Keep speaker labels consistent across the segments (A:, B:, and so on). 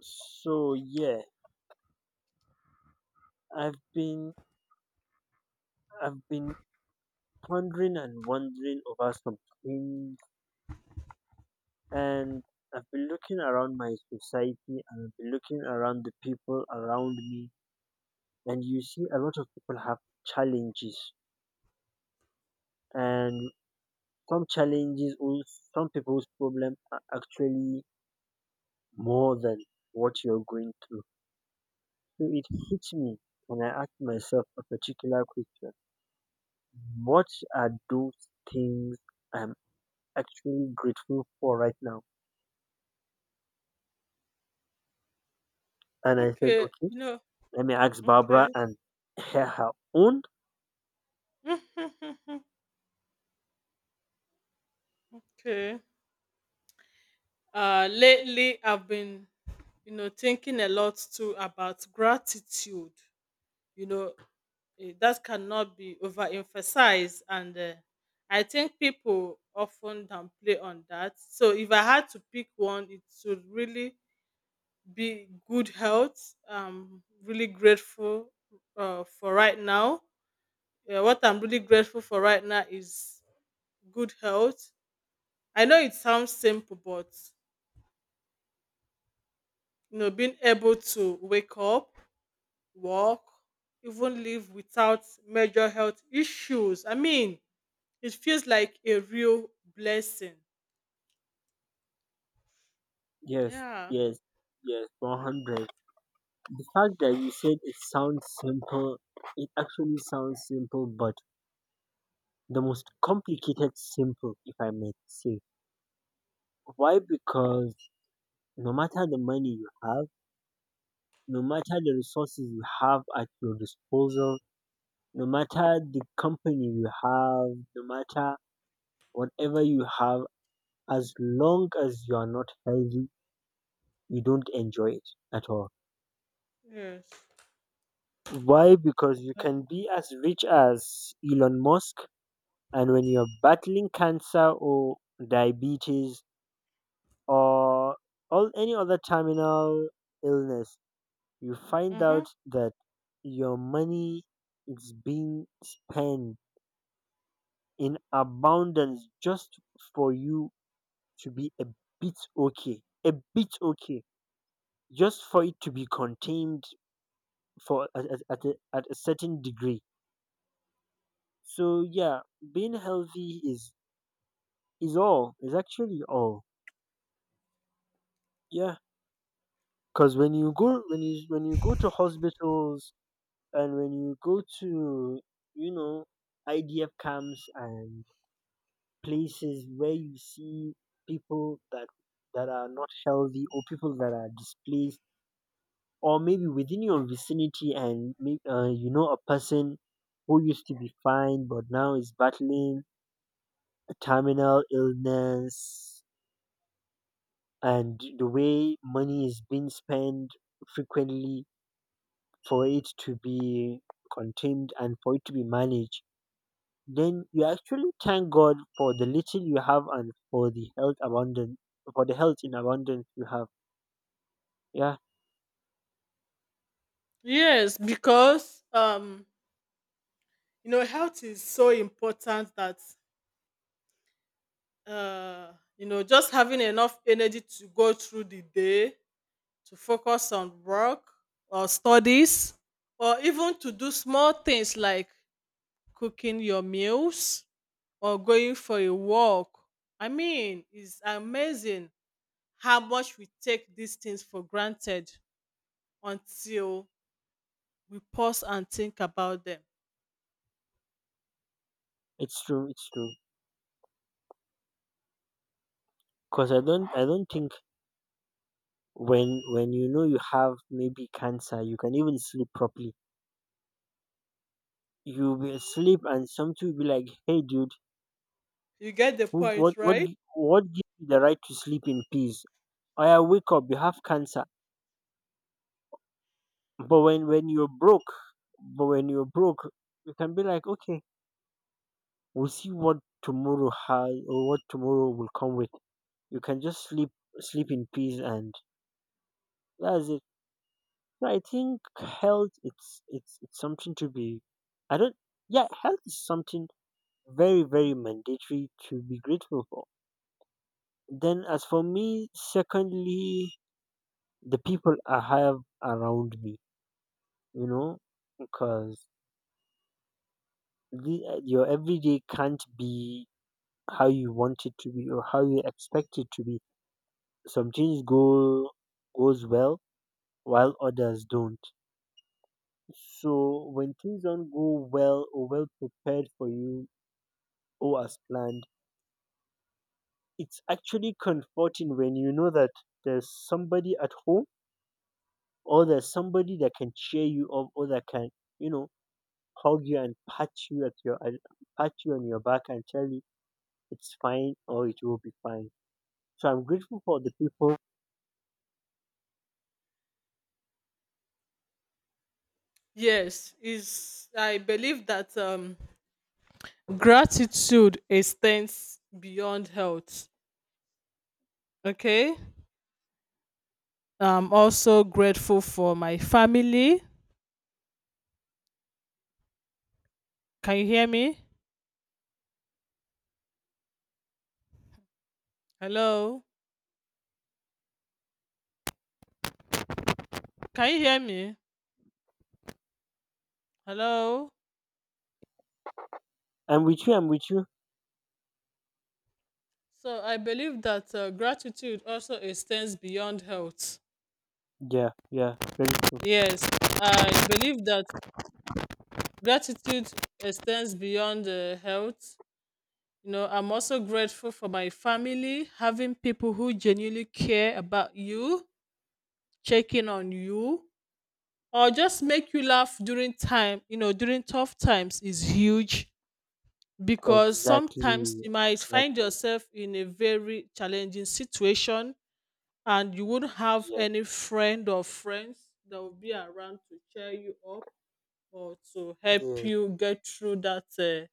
A: So yeah, I've been I've been pondering and wondering over some things, and I've been looking around my society and I've been looking around the people around me, and you see a lot of people have challenges, and some challenges, or some people's problem are actually more than what you're going through. So it hits me, and I ask myself a particular question: what are those things I'm actually grateful for right now. And I said,
B: Okay,
A: okay,
B: you know,
A: let me ask Barbara
B: okay.
A: and her own.
B: okay. Lately I've been, you know, thinking a lot too about gratitude. You know, that cannot be overemphasized, and I think people often downplay on that. So if I had to pick one, it should really be good health. I'm really grateful for right now. What I'm really grateful for right now is good health. I know it sounds simple, but you know, being able to wake up, walk, even live without major health issues. I mean, it feels like a real blessing.
A: Yes,
B: Yeah.
A: yes, yes, 100. The fact that you said it sounds simple, it actually sounds simple, but the most complicated simple, if I may say. Why? Because no matter the money you have, no matter the resources you have at your disposal, no matter the company you have, no matter whatever you have as long as you are not healthy, you don't enjoy it at all.
B: Yes.
A: Why? Because you
B: Uh,
A: can be as rich as Elon Musk, and when you're battling cancer or diabetes or all any other terminal illness, you find
B: mm-hmm.
A: out that your money is being spent in abundance just for you to be bit okay, a bit okay, just for it to be contained for at a certain degree. So yeah, being healthy is all is actually all. Yeah, because when you go to hospitals and when you go to, you know, idf camps and places where you see people that are not healthy or people that are displaced or maybe within your vicinity and you know, a person who used to be fine but now is battling terminal illness, and the way money is being spent frequently for it to be contained and for it to be managed, then you actually thank God for the little you have and for the health abundance for the health in abundance you have. Yeah,
B: Yes, because you know, health is so important that you know, just having enough energy to go through the day, to focus on work or studies, or even to do small things like cooking your meals or going for a walk. I mean, it's amazing how much we take these things for granted until we pause and think about them.
A: it's true, it's true. Because I don't think when you know you have maybe cancer, you can even sleep properly. You'll sleep and something will be like, "Hey dude,
B: You get the
A: Who,
B: point,
A: what,
B: right?
A: gi- what gives you the right to sleep in peace? I wake up, you have cancer." But when you're broke, but when you're broke, you can be like, okay, we'll see what tomorrow has or what tomorrow will come with. You can just sleep, sleep in peace, and that's it. So I think health, it's something to be. I don't. Yeah, health is something very, very mandatory to be grateful for. Then, as for me, secondly, the people I have around me, you know, because your everyday can't be how you want it to be or how you expect it to be. Some things go goes well while others don't. So when things don't go well or well prepared for you or as planned, it's actually comforting when you know that there's somebody at home or there's somebody that can cheer you up or that can, you know, hug you and pat you on your back and tell you it's fine or it will be fine. So I'm grateful for the people.
B: Yes, is I believe that gratitude extends beyond health. Okay, I'm also grateful for my family. Can you hear me? Hello, can you hear me? Hello.
A: I'm with you. I'm with you.
B: So I believe that gratitude also extends beyond health.
A: Yeah, yeah. Grateful.
B: Yes, I believe that gratitude extends beyond health. You know, I'm also grateful for my family, having people who genuinely care about you, checking on you, or just make you laugh during time, you know, during tough times is huge, because sometimes
A: Exactly.
B: you might find
A: Exactly.
B: yourself in a very challenging situation and you wouldn't have
A: Yeah.
B: any friend or friends that will be around to cheer you up or to help
A: Yeah.
B: you get through that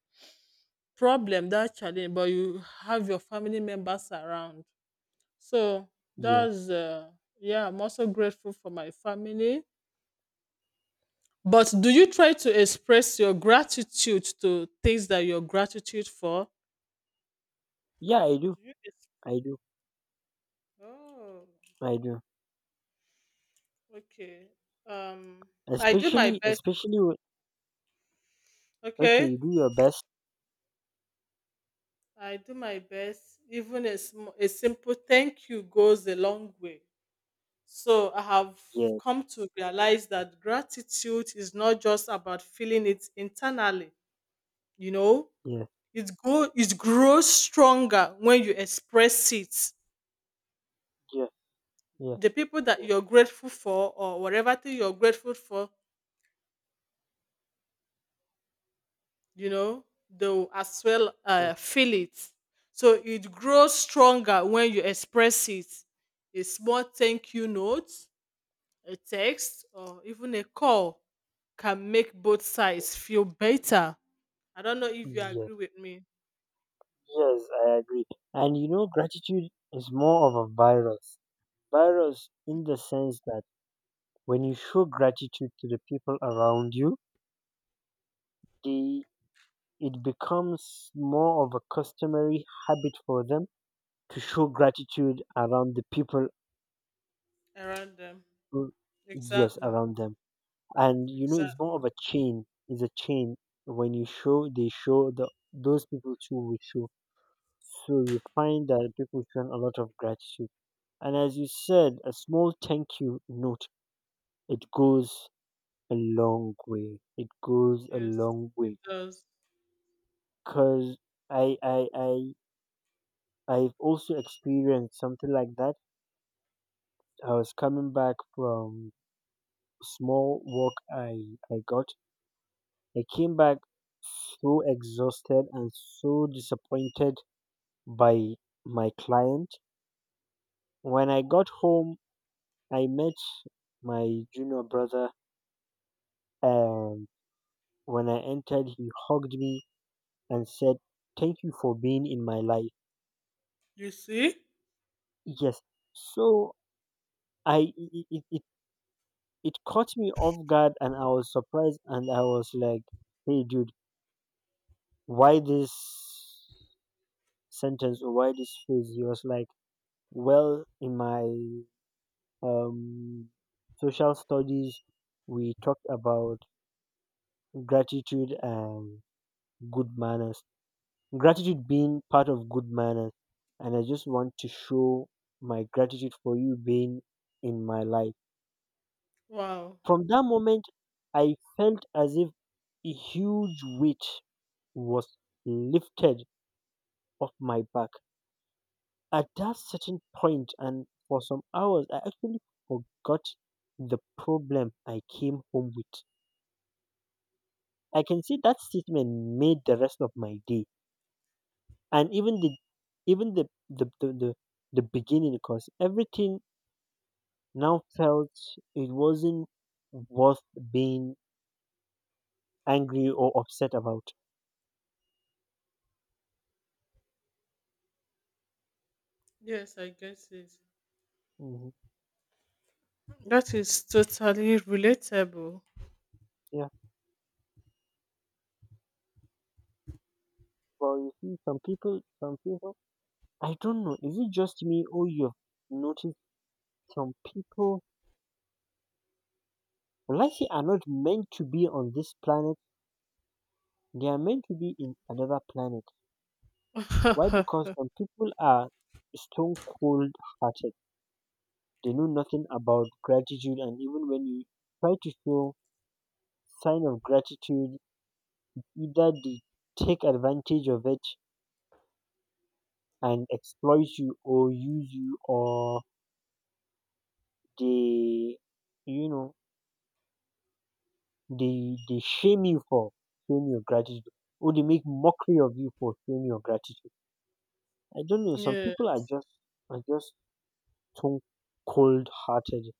B: problem, that challenge, but you have your family members around. So
A: Yes.
B: that's, yeah, I'm also grateful for my family. But do you try to express your gratitude to things that you're gratitude for?
A: Yeah. I do.
B: Do you?
A: I do.
B: Oh,
A: I do.
B: okay. Um, I do my
A: Especially.
B: best.
A: Especially. When, okay.
B: Okay.
A: You do your best.
B: I do my best. Even a, a simple thank you goes a long way. So I have
A: Yeah.
B: come to realize that gratitude is not just about feeling it internally, you know,
A: Yeah.
B: it grows stronger when you express it.
A: Yeah. Yeah.
B: The people that
A: Yeah.
B: you're grateful for, or whatever thing you're grateful for, you know, they'll as well
A: Yeah.
B: feel it. So it grows stronger when you express it. A small thank you note. A text or even a call can make both sides feel better. I don't know if you
A: Yes,
B: agree with me
A: yes, I agree. And you know, gratitude is more of a virus. Virus in the sense that when you show gratitude to the people around you, they, it becomes more of a customary habit for them to show gratitude around the people
B: around them.
A: who- yes,
B: Exactly.
A: around them. And you know, it's more
B: Exactly.
A: of a chain, when you show, they show, the those people too will show, so you find that people show a lot of gratitude. And as you said, a small thank you note, it goes a long way, it goes a
B: Yes,
A: long
B: it
A: way.
B: does.
A: Cause I I I I've also experienced something like that. I was coming back from small work I got. I came back so exhausted and so disappointed by my client. When I got home, I met my junior brother, and when I entered, he hugged me and said, "Thank you for being in my life."
B: You see?
A: Yes. So I it, it, it it caught me off guard and I was surprised and I was like, "Hey dude, why this sentence or why this phrase?" He was like, "Well, in my um, social studies, we talked about gratitude and good manners. Gratitude being part of good manners. And I just want to show my gratitude for you being in my life."
B: Wow.
A: From that moment, I felt as if a huge weight was lifted off my back at that certain point, and for some hours I actually forgot the problem I came home with. I can see that statement made the rest of my day and even the beginning, because everything now felt it wasn't worth being angry or upset about.
B: Yes, I guess it.
A: hmm
B: That is totally relatable.
A: Yeah. Well, you see, some people, I don't know, is it just me, or you've noticed some people, life are not meant to be on this planet. They are meant to be in another planet. Why? Because some people are stone cold hearted. They know nothing about gratitude, and even when you try to show sign of gratitude, either they take advantage of it and exploit you, or use you, or they, you know, they shame you for showing your gratitude, or they make mockery of you for showing your gratitude. I don't know. Some
B: Yeah.
A: people are just too cold hearted.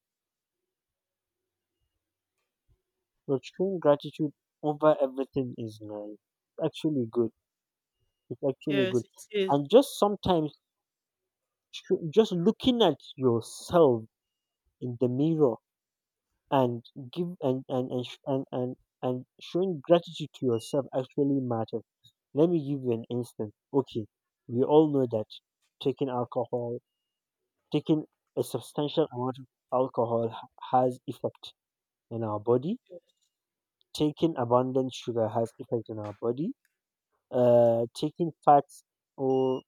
A: But showing gratitude over everything is nice. It's actually good. It's actually good.
B: Yes, it is.
A: And just sometimes, just looking at yourself in the mirror and give and sh- and showing gratitude to yourself actually matters. Let me give you an instance. Okay, we all know that taking alcohol, taking a substantial amount of alcohol has effect in our body. Taking abundant sugar has effect on our body. Taking fats or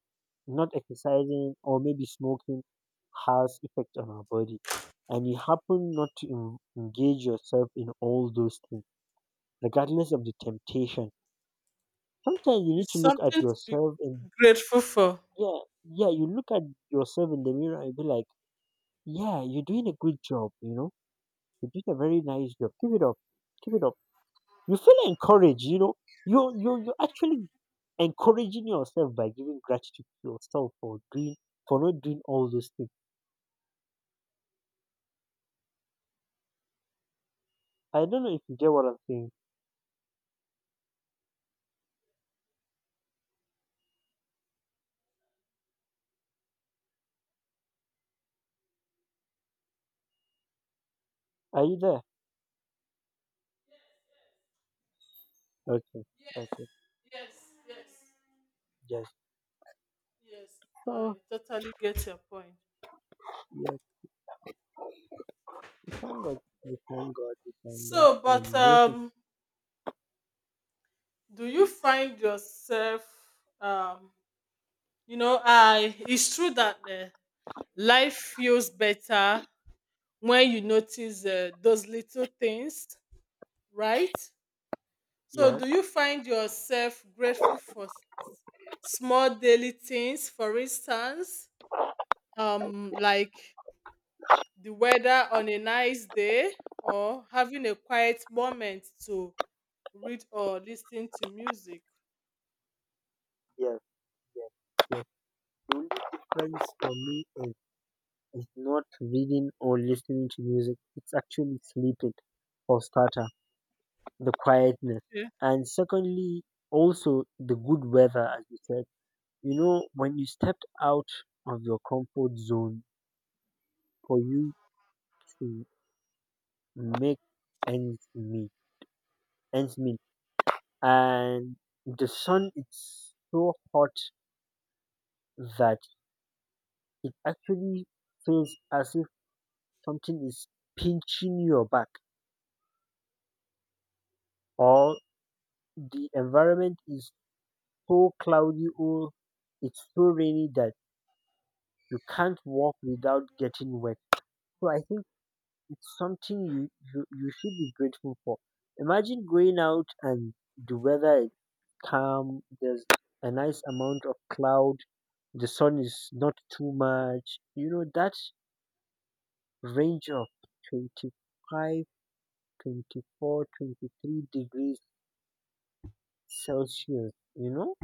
A: not exercising or maybe smoking has effect on our body. And you happen not to engage yourself in all those things, regardless of the temptation. Sometimes you need
B: It's
A: to look at
B: something to be
A: yourself and
B: grateful for.
A: yeah, yeah, you look at yourself in the mirror and be like, yeah, you're doing a good job, you know, you're doing a very nice job. Keep it up, keep it up, you feel encouraged, you know, you're actually encouraging yourself by giving gratitude to yourself for doing for not doing all those things. I don't know if you get what I'm saying. Are you there? Okay.
B: Yes,
A: Okay.
B: yes, yes,
A: Yes.
B: yes.
A: So
B: I totally get your point.
A: yes, thank God, we thank God,
B: So,
A: and
B: but
A: most of,
B: do you find yourself um you know I it's true that life feels better when you notice those little things, right? So
A: yes,
B: do you find yourself grateful for small daily things, for instance, like the weather on a nice day or having a quiet moment to read or listen to music?
A: yes, yes, yes. The only difference for me is not reading or listening to music, it's actually sleeping. For starter, the quietness,
B: Yeah.
A: and secondly, also the good weather, as you said. You know, when you stepped out of your comfort zone for you to make ends meet, ends meet, and the sun is so hot that it actually feels as if something is pinching your back, or the environment is so cloudy or it's so rainy that you can't walk without getting wet. So I think it's something you should be grateful for. Imagine going out and the weather is calm. There's a nice amount of cloud. The sun is not too much. You know that range of 25, 24, 23 degrees Celsius. You know,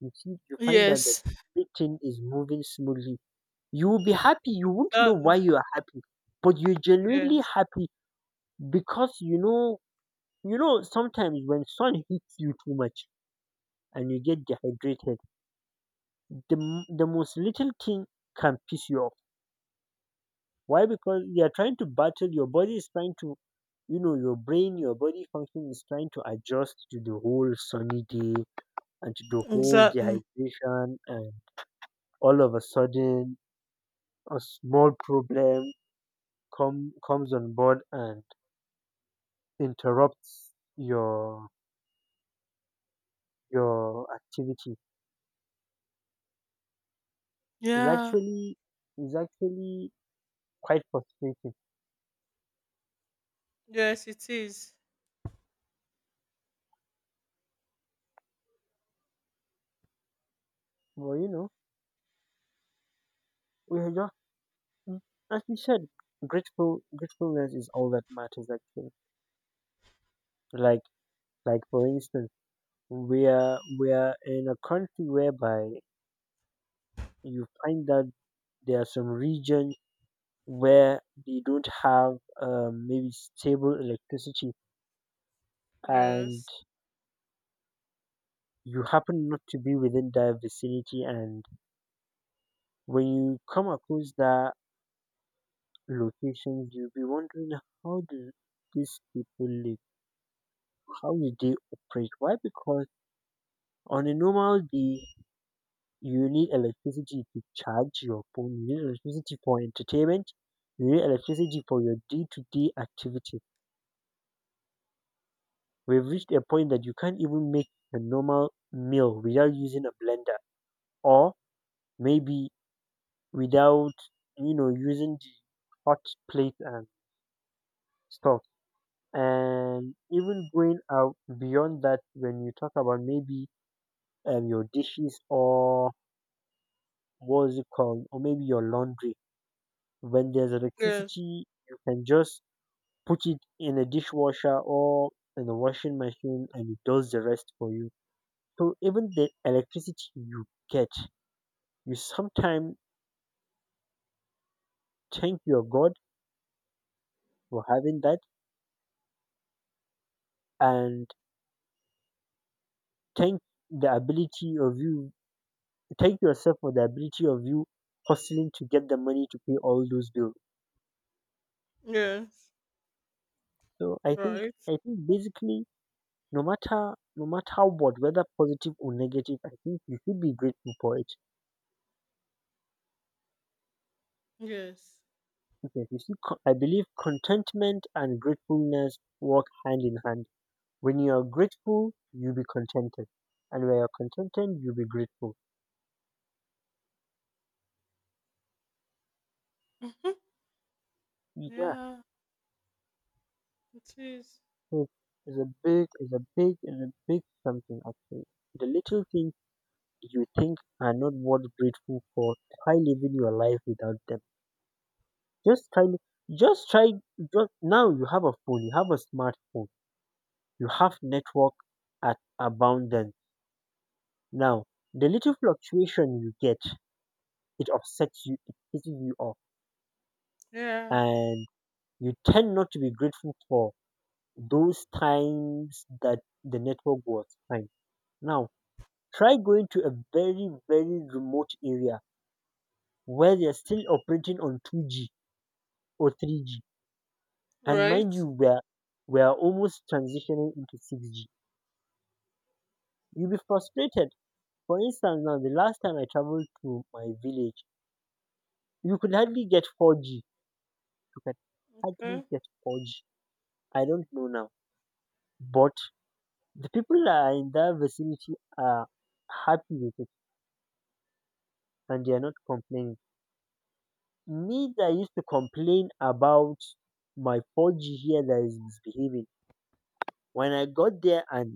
A: you see, you find out that
B: Yes
A: everything is moving smoothly. You will be happy. You won't know
B: that,
A: why you are happy, but you're genuinely
B: yes.
A: happy because you know, you know, sometimes when sun hits you too much and you get dehydrated, the, the most little thing can piss you off. Why? Because you are trying to battle, your body is trying to, you know, your brain, your body function is trying to adjust to the whole sunny day and to the whole
B: Exactly.
A: dehydration, and all of a sudden, a small problem comes on board and interrupts your your activity. It's
B: Yeah.
A: actually is actually quite frustrating.
B: Yes, it is.
A: But you know, we are just, mm, as you said, grateful. Gratefulness is all that matters, actually. Like, like for instance, we are in a country whereby you find that there are some regions where they don't have maybe stable electricity, and
B: Yes.
A: you happen not to be within that vicinity, and when you come across that location, you'll be wondering, how do these people live, how did they operate? Why? Because on a normal day, you need electricity to charge your phone, you need electricity for entertainment, you need electricity for your day to day activity. We've reached a point that you can't even make a normal meal without using a blender or maybe without, using the hot plate and stuff. And even going out beyond that, when you talk about maybe your dishes or what is it called, or maybe your laundry. When there's
B: Yes.
A: electricity, you can just put it in a dishwasher or in a washing machine and it does the rest for you. So even the electricity you get, you sometimes thank your God for having that and thank the ability of you, thank yourself for the ability of you hustling to get the money to pay all those bills.
B: Yes.
A: So
B: Right.
A: I think basically no matter what, whether positive or negative, I think you should be grateful for it.
B: Yes.
A: Because you see, I believe contentment and gratefulness work hand in hand. When you are grateful, you'll be contented, and when you're contented, you'll be grateful.
B: Mhm.
A: Yeah,
B: Yeah. It is.
A: so it's a big something actually. The little things you think are not worth grateful for, try living your life without them. Just try, just try. Just now you have a phone, you have a smartphone, you have network at abundance. Now, the little fluctuation you get, it upsets you, it pisses you off,
B: Yeah.
A: and you tend not to be grateful for those times that the network was fine. Now, try going to a very, very remote area where they're still operating on 2G or 3G. And
B: Right.
A: mind you, we're almost transitioning into 6G. You'll be frustrated. For instance, now the last time I traveled to my village, you could hardly get 4G. You can
B: Okay.
A: hardly get 4G. I don't know now. But the people that are in that vicinity are happy with it and they are not complaining. Me that used to complain about my 4G here that is misbehaving. When I got there and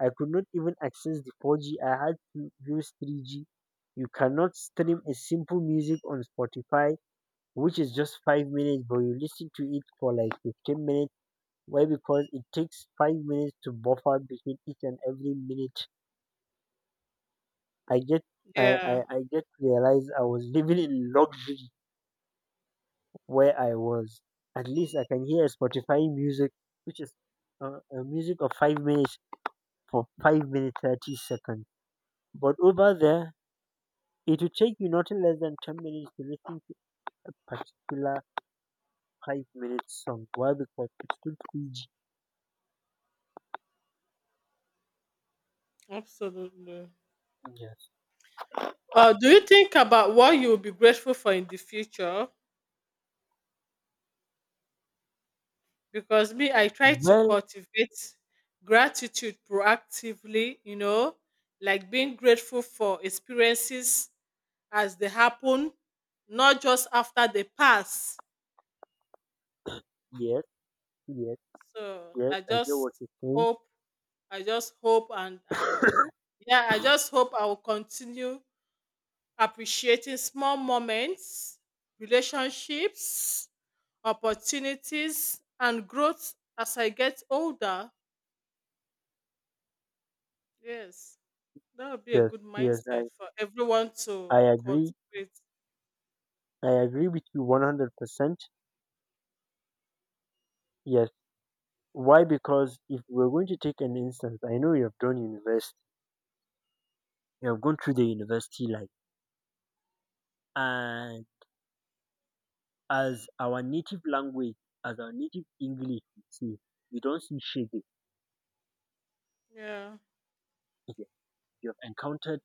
A: I could not even access the 4G, I had to use 3G. You cannot stream a simple music on Spotify, which is just 5 minutes, but you listen to it for like 15 minutes. Why? Because it takes 5 minutes to buffer between each and every minute. I get I,
B: Yeah.
A: I, I get to realize I was living in luxury where I was. At least I can hear Spotify music, which is a music of 5 minutes for 5 minutes 30 seconds. But over there, it will take you nothing less than 10 minutes to listen to a particular 5 minute song. Why? Because it's still 3G.
B: Absolutely.
A: Yes.
B: Do you think about what you will be grateful for in the future? Because me, I try to
A: Well,
B: cultivate gratitude proactively. You know, like being grateful for experiences as they happen, not just after they pass.
A: yes, yes,
B: So
A: yes.
B: I
A: I get what
B: just
A: you're saying.
B: hope, I just hope, and yeah, I just hope I will continue appreciating small moments, relationships, opportunities, and growth as I get older. Yes, that would be a
A: Yes,
B: good
A: yes,
B: mindset
A: I,
B: for everyone to
A: I agree.
B: cultivate.
A: I agree with you 100%. Yes. Why? Because if we're going to take an instance, I know you have done university, you have gone through the university life, and as our native language, as our native English, you see, you don't see shading
B: Yeah,
A: here. You have encountered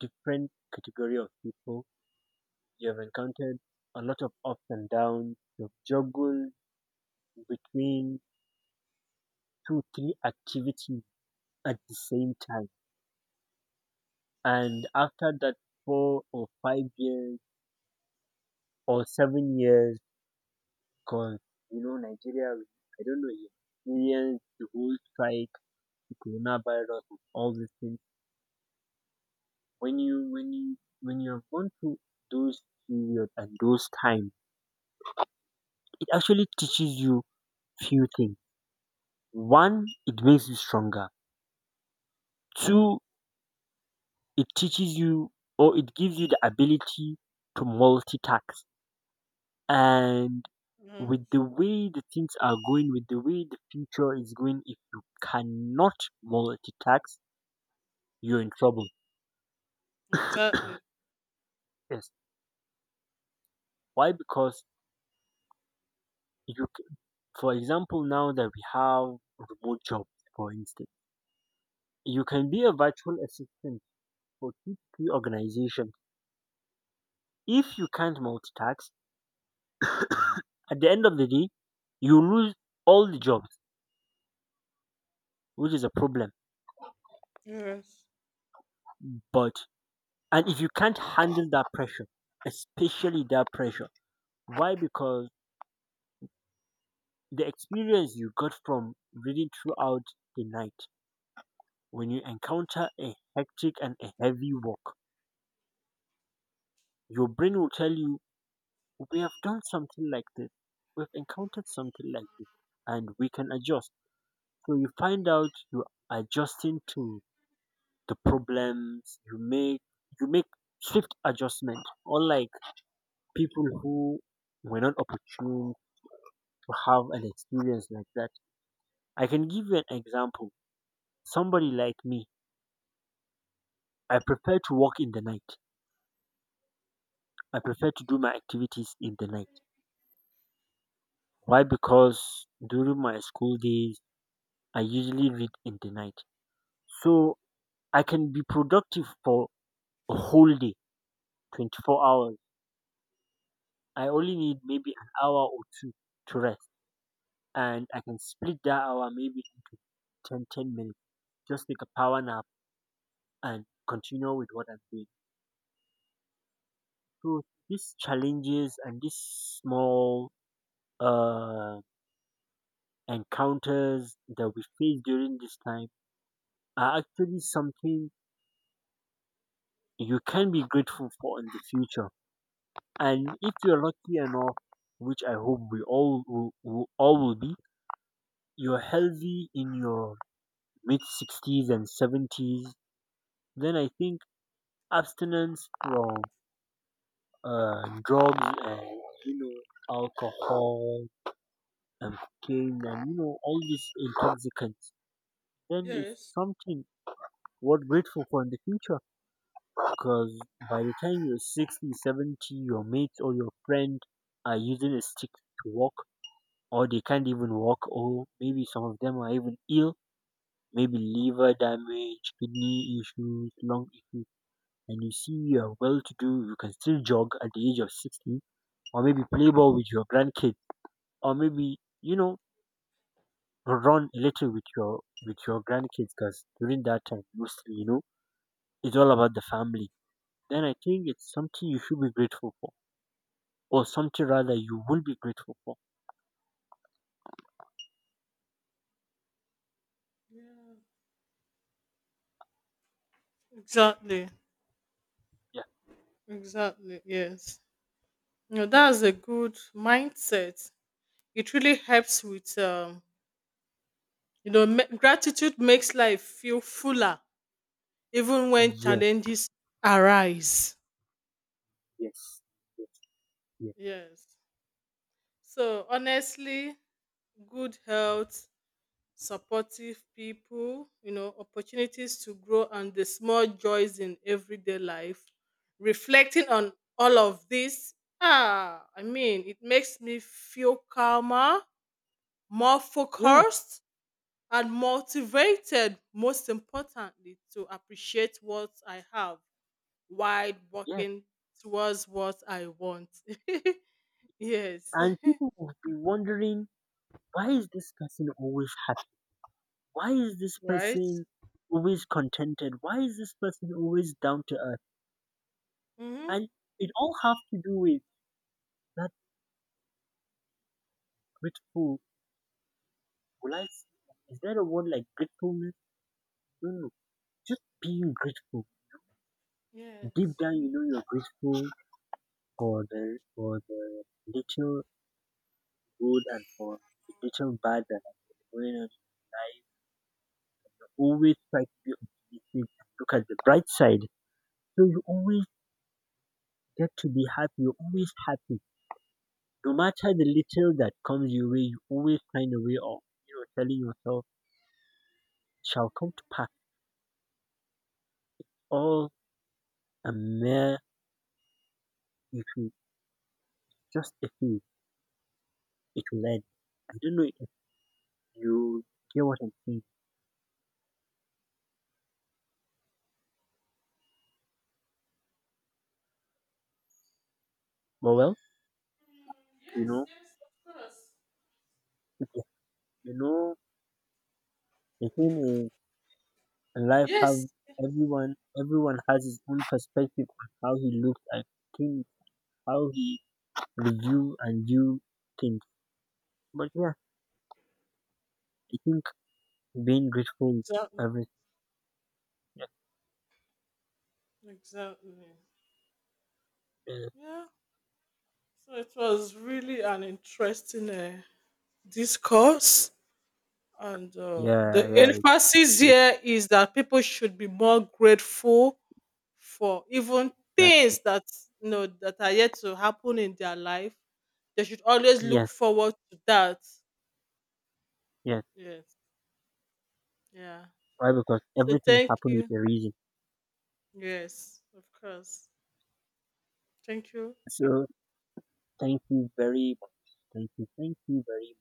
A: different category of people. You have encountered a lot of ups and downs. You have juggled between two, three activities at the same time and after that 4 or 5 years or 7 years because you know Nigeria, I don't know, you experienced the whole strike, the coronavirus and all these things. When you have gone through those period and those times, it actually teaches you few things. One, it makes you stronger. Two, it teaches you or it gives you the ability to multitask. And
B: mhm,
A: with the way the things are going, with the way the future is going, if you cannot multitask, you're in trouble.
B: exactly.
A: Yes. Why? Because you, c- for example, now that we have remote jobs, for instance, you can be a virtual assistant for two, three organizations. If you can't multitask, at the end of the day, you lose all the jobs, which is a problem.
B: Yes,
A: But and if you can't handle that pressure, especially that pressure, why? Because the experience you got from reading throughout the night, when you encounter a hectic and a heavy walk, your brain will tell you, we have done something like this, we've encountered something like this, and we can adjust. So you find out you're adjusting to the problems, you make swift adjustment, unlike people who were not opportune to have an experience like that. I can give you an example. Somebody like me, I prefer to work in the night. I prefer to do my activities in the night. Why? Because during my school days, I usually read in the night. So I can be productive for a whole day, 24 hours. I only need maybe an hour or two to rest. And I can split that hour maybe into 10, 10 minutes. Just take a power nap and continue with what I'm doing. So these challenges and these small uh encounters that we face during this time are actually something you can be grateful for in the future. And if you're lucky enough, which I hope we all will be, you're healthy in your mid 60s and 70s, then I think abstinence from drugs and you know alcohol and cocaine and you know all these intoxicants, then is
B: yes,
A: something worth grateful for in the future. Because by the time you're 60, 70, your mates or your friend are using a stick to walk, or they can't even walk, or maybe some of them are even ill, maybe liver damage, kidney issues, lung issues. And you see, you are well to do, you can still jog at the age of 60, or maybe play ball with your grandkids, or maybe, you know, run a little with your grandkids because during that time mostly you know it's all about the family, then I think it's something you should be grateful for or something rather you will be grateful for.
B: exactly,
A: Yeah.
B: exactly. Yes, no, that's a good mindset. It really helps with, you know, gratitude makes life feel fuller even when
A: Yes,
B: challenges arise.
A: yes, yes, yes,
B: Yes. So honestly, good health, supportive people, you know, opportunities to grow, and the small joys in everyday life. Reflecting on all of this, ah, I mean, it makes me feel calmer, more
A: yes,
B: focused, and motivated, most importantly, to appreciate what I have while
A: yes.
B: working towards what I want. Yes.
A: And people will be wondering, why is this person always happy? Why is this
B: Right?
A: person always contented? Why is this person always down to earth?
B: Mm-hmm.
A: And it all has to do with that grateful. Will I? s- Is there a word like gratefulness? No, no. Just being grateful. Deep
B: Yes.
A: down, you know you're grateful for the little good and for the little bad that I'm going on in life, always try to be optimistic and look at the bright side. So you always get to be happy. You're always happy. No matter the little that comes your way, you always find a way of, telling yourself, it shall come to pass. All a mere if you just a few, it will end. I don't know if you hear what I'm saying. But well,
B: Mm,
A: you
B: yes,
A: know,
B: yes, of course.
A: if you you know, the thing is. And life have
B: Yes.
A: everyone everyone has his own perspective on how he looks at things, how he review and view things. But yeah, I think being grateful is
B: Exactly.
A: everything. Yes,
B: Exactly.
A: uh,
B: Yeah. So it was really an interesting discourse. And
A: yeah,
B: the
A: yeah,
B: emphasis
A: ex-
B: here is that people should be more grateful for even
A: exactly.
B: things that you know that are yet to happen in their life. They should always look
A: Yes,
B: forward to that.
A: yes.
B: Yes. Yeah.
A: Why? Because
B: So
A: everything
B: thank
A: happened
B: you.
A: with a reason.
B: Yes, of course. Thank you.
A: So thank you very much. Thank you very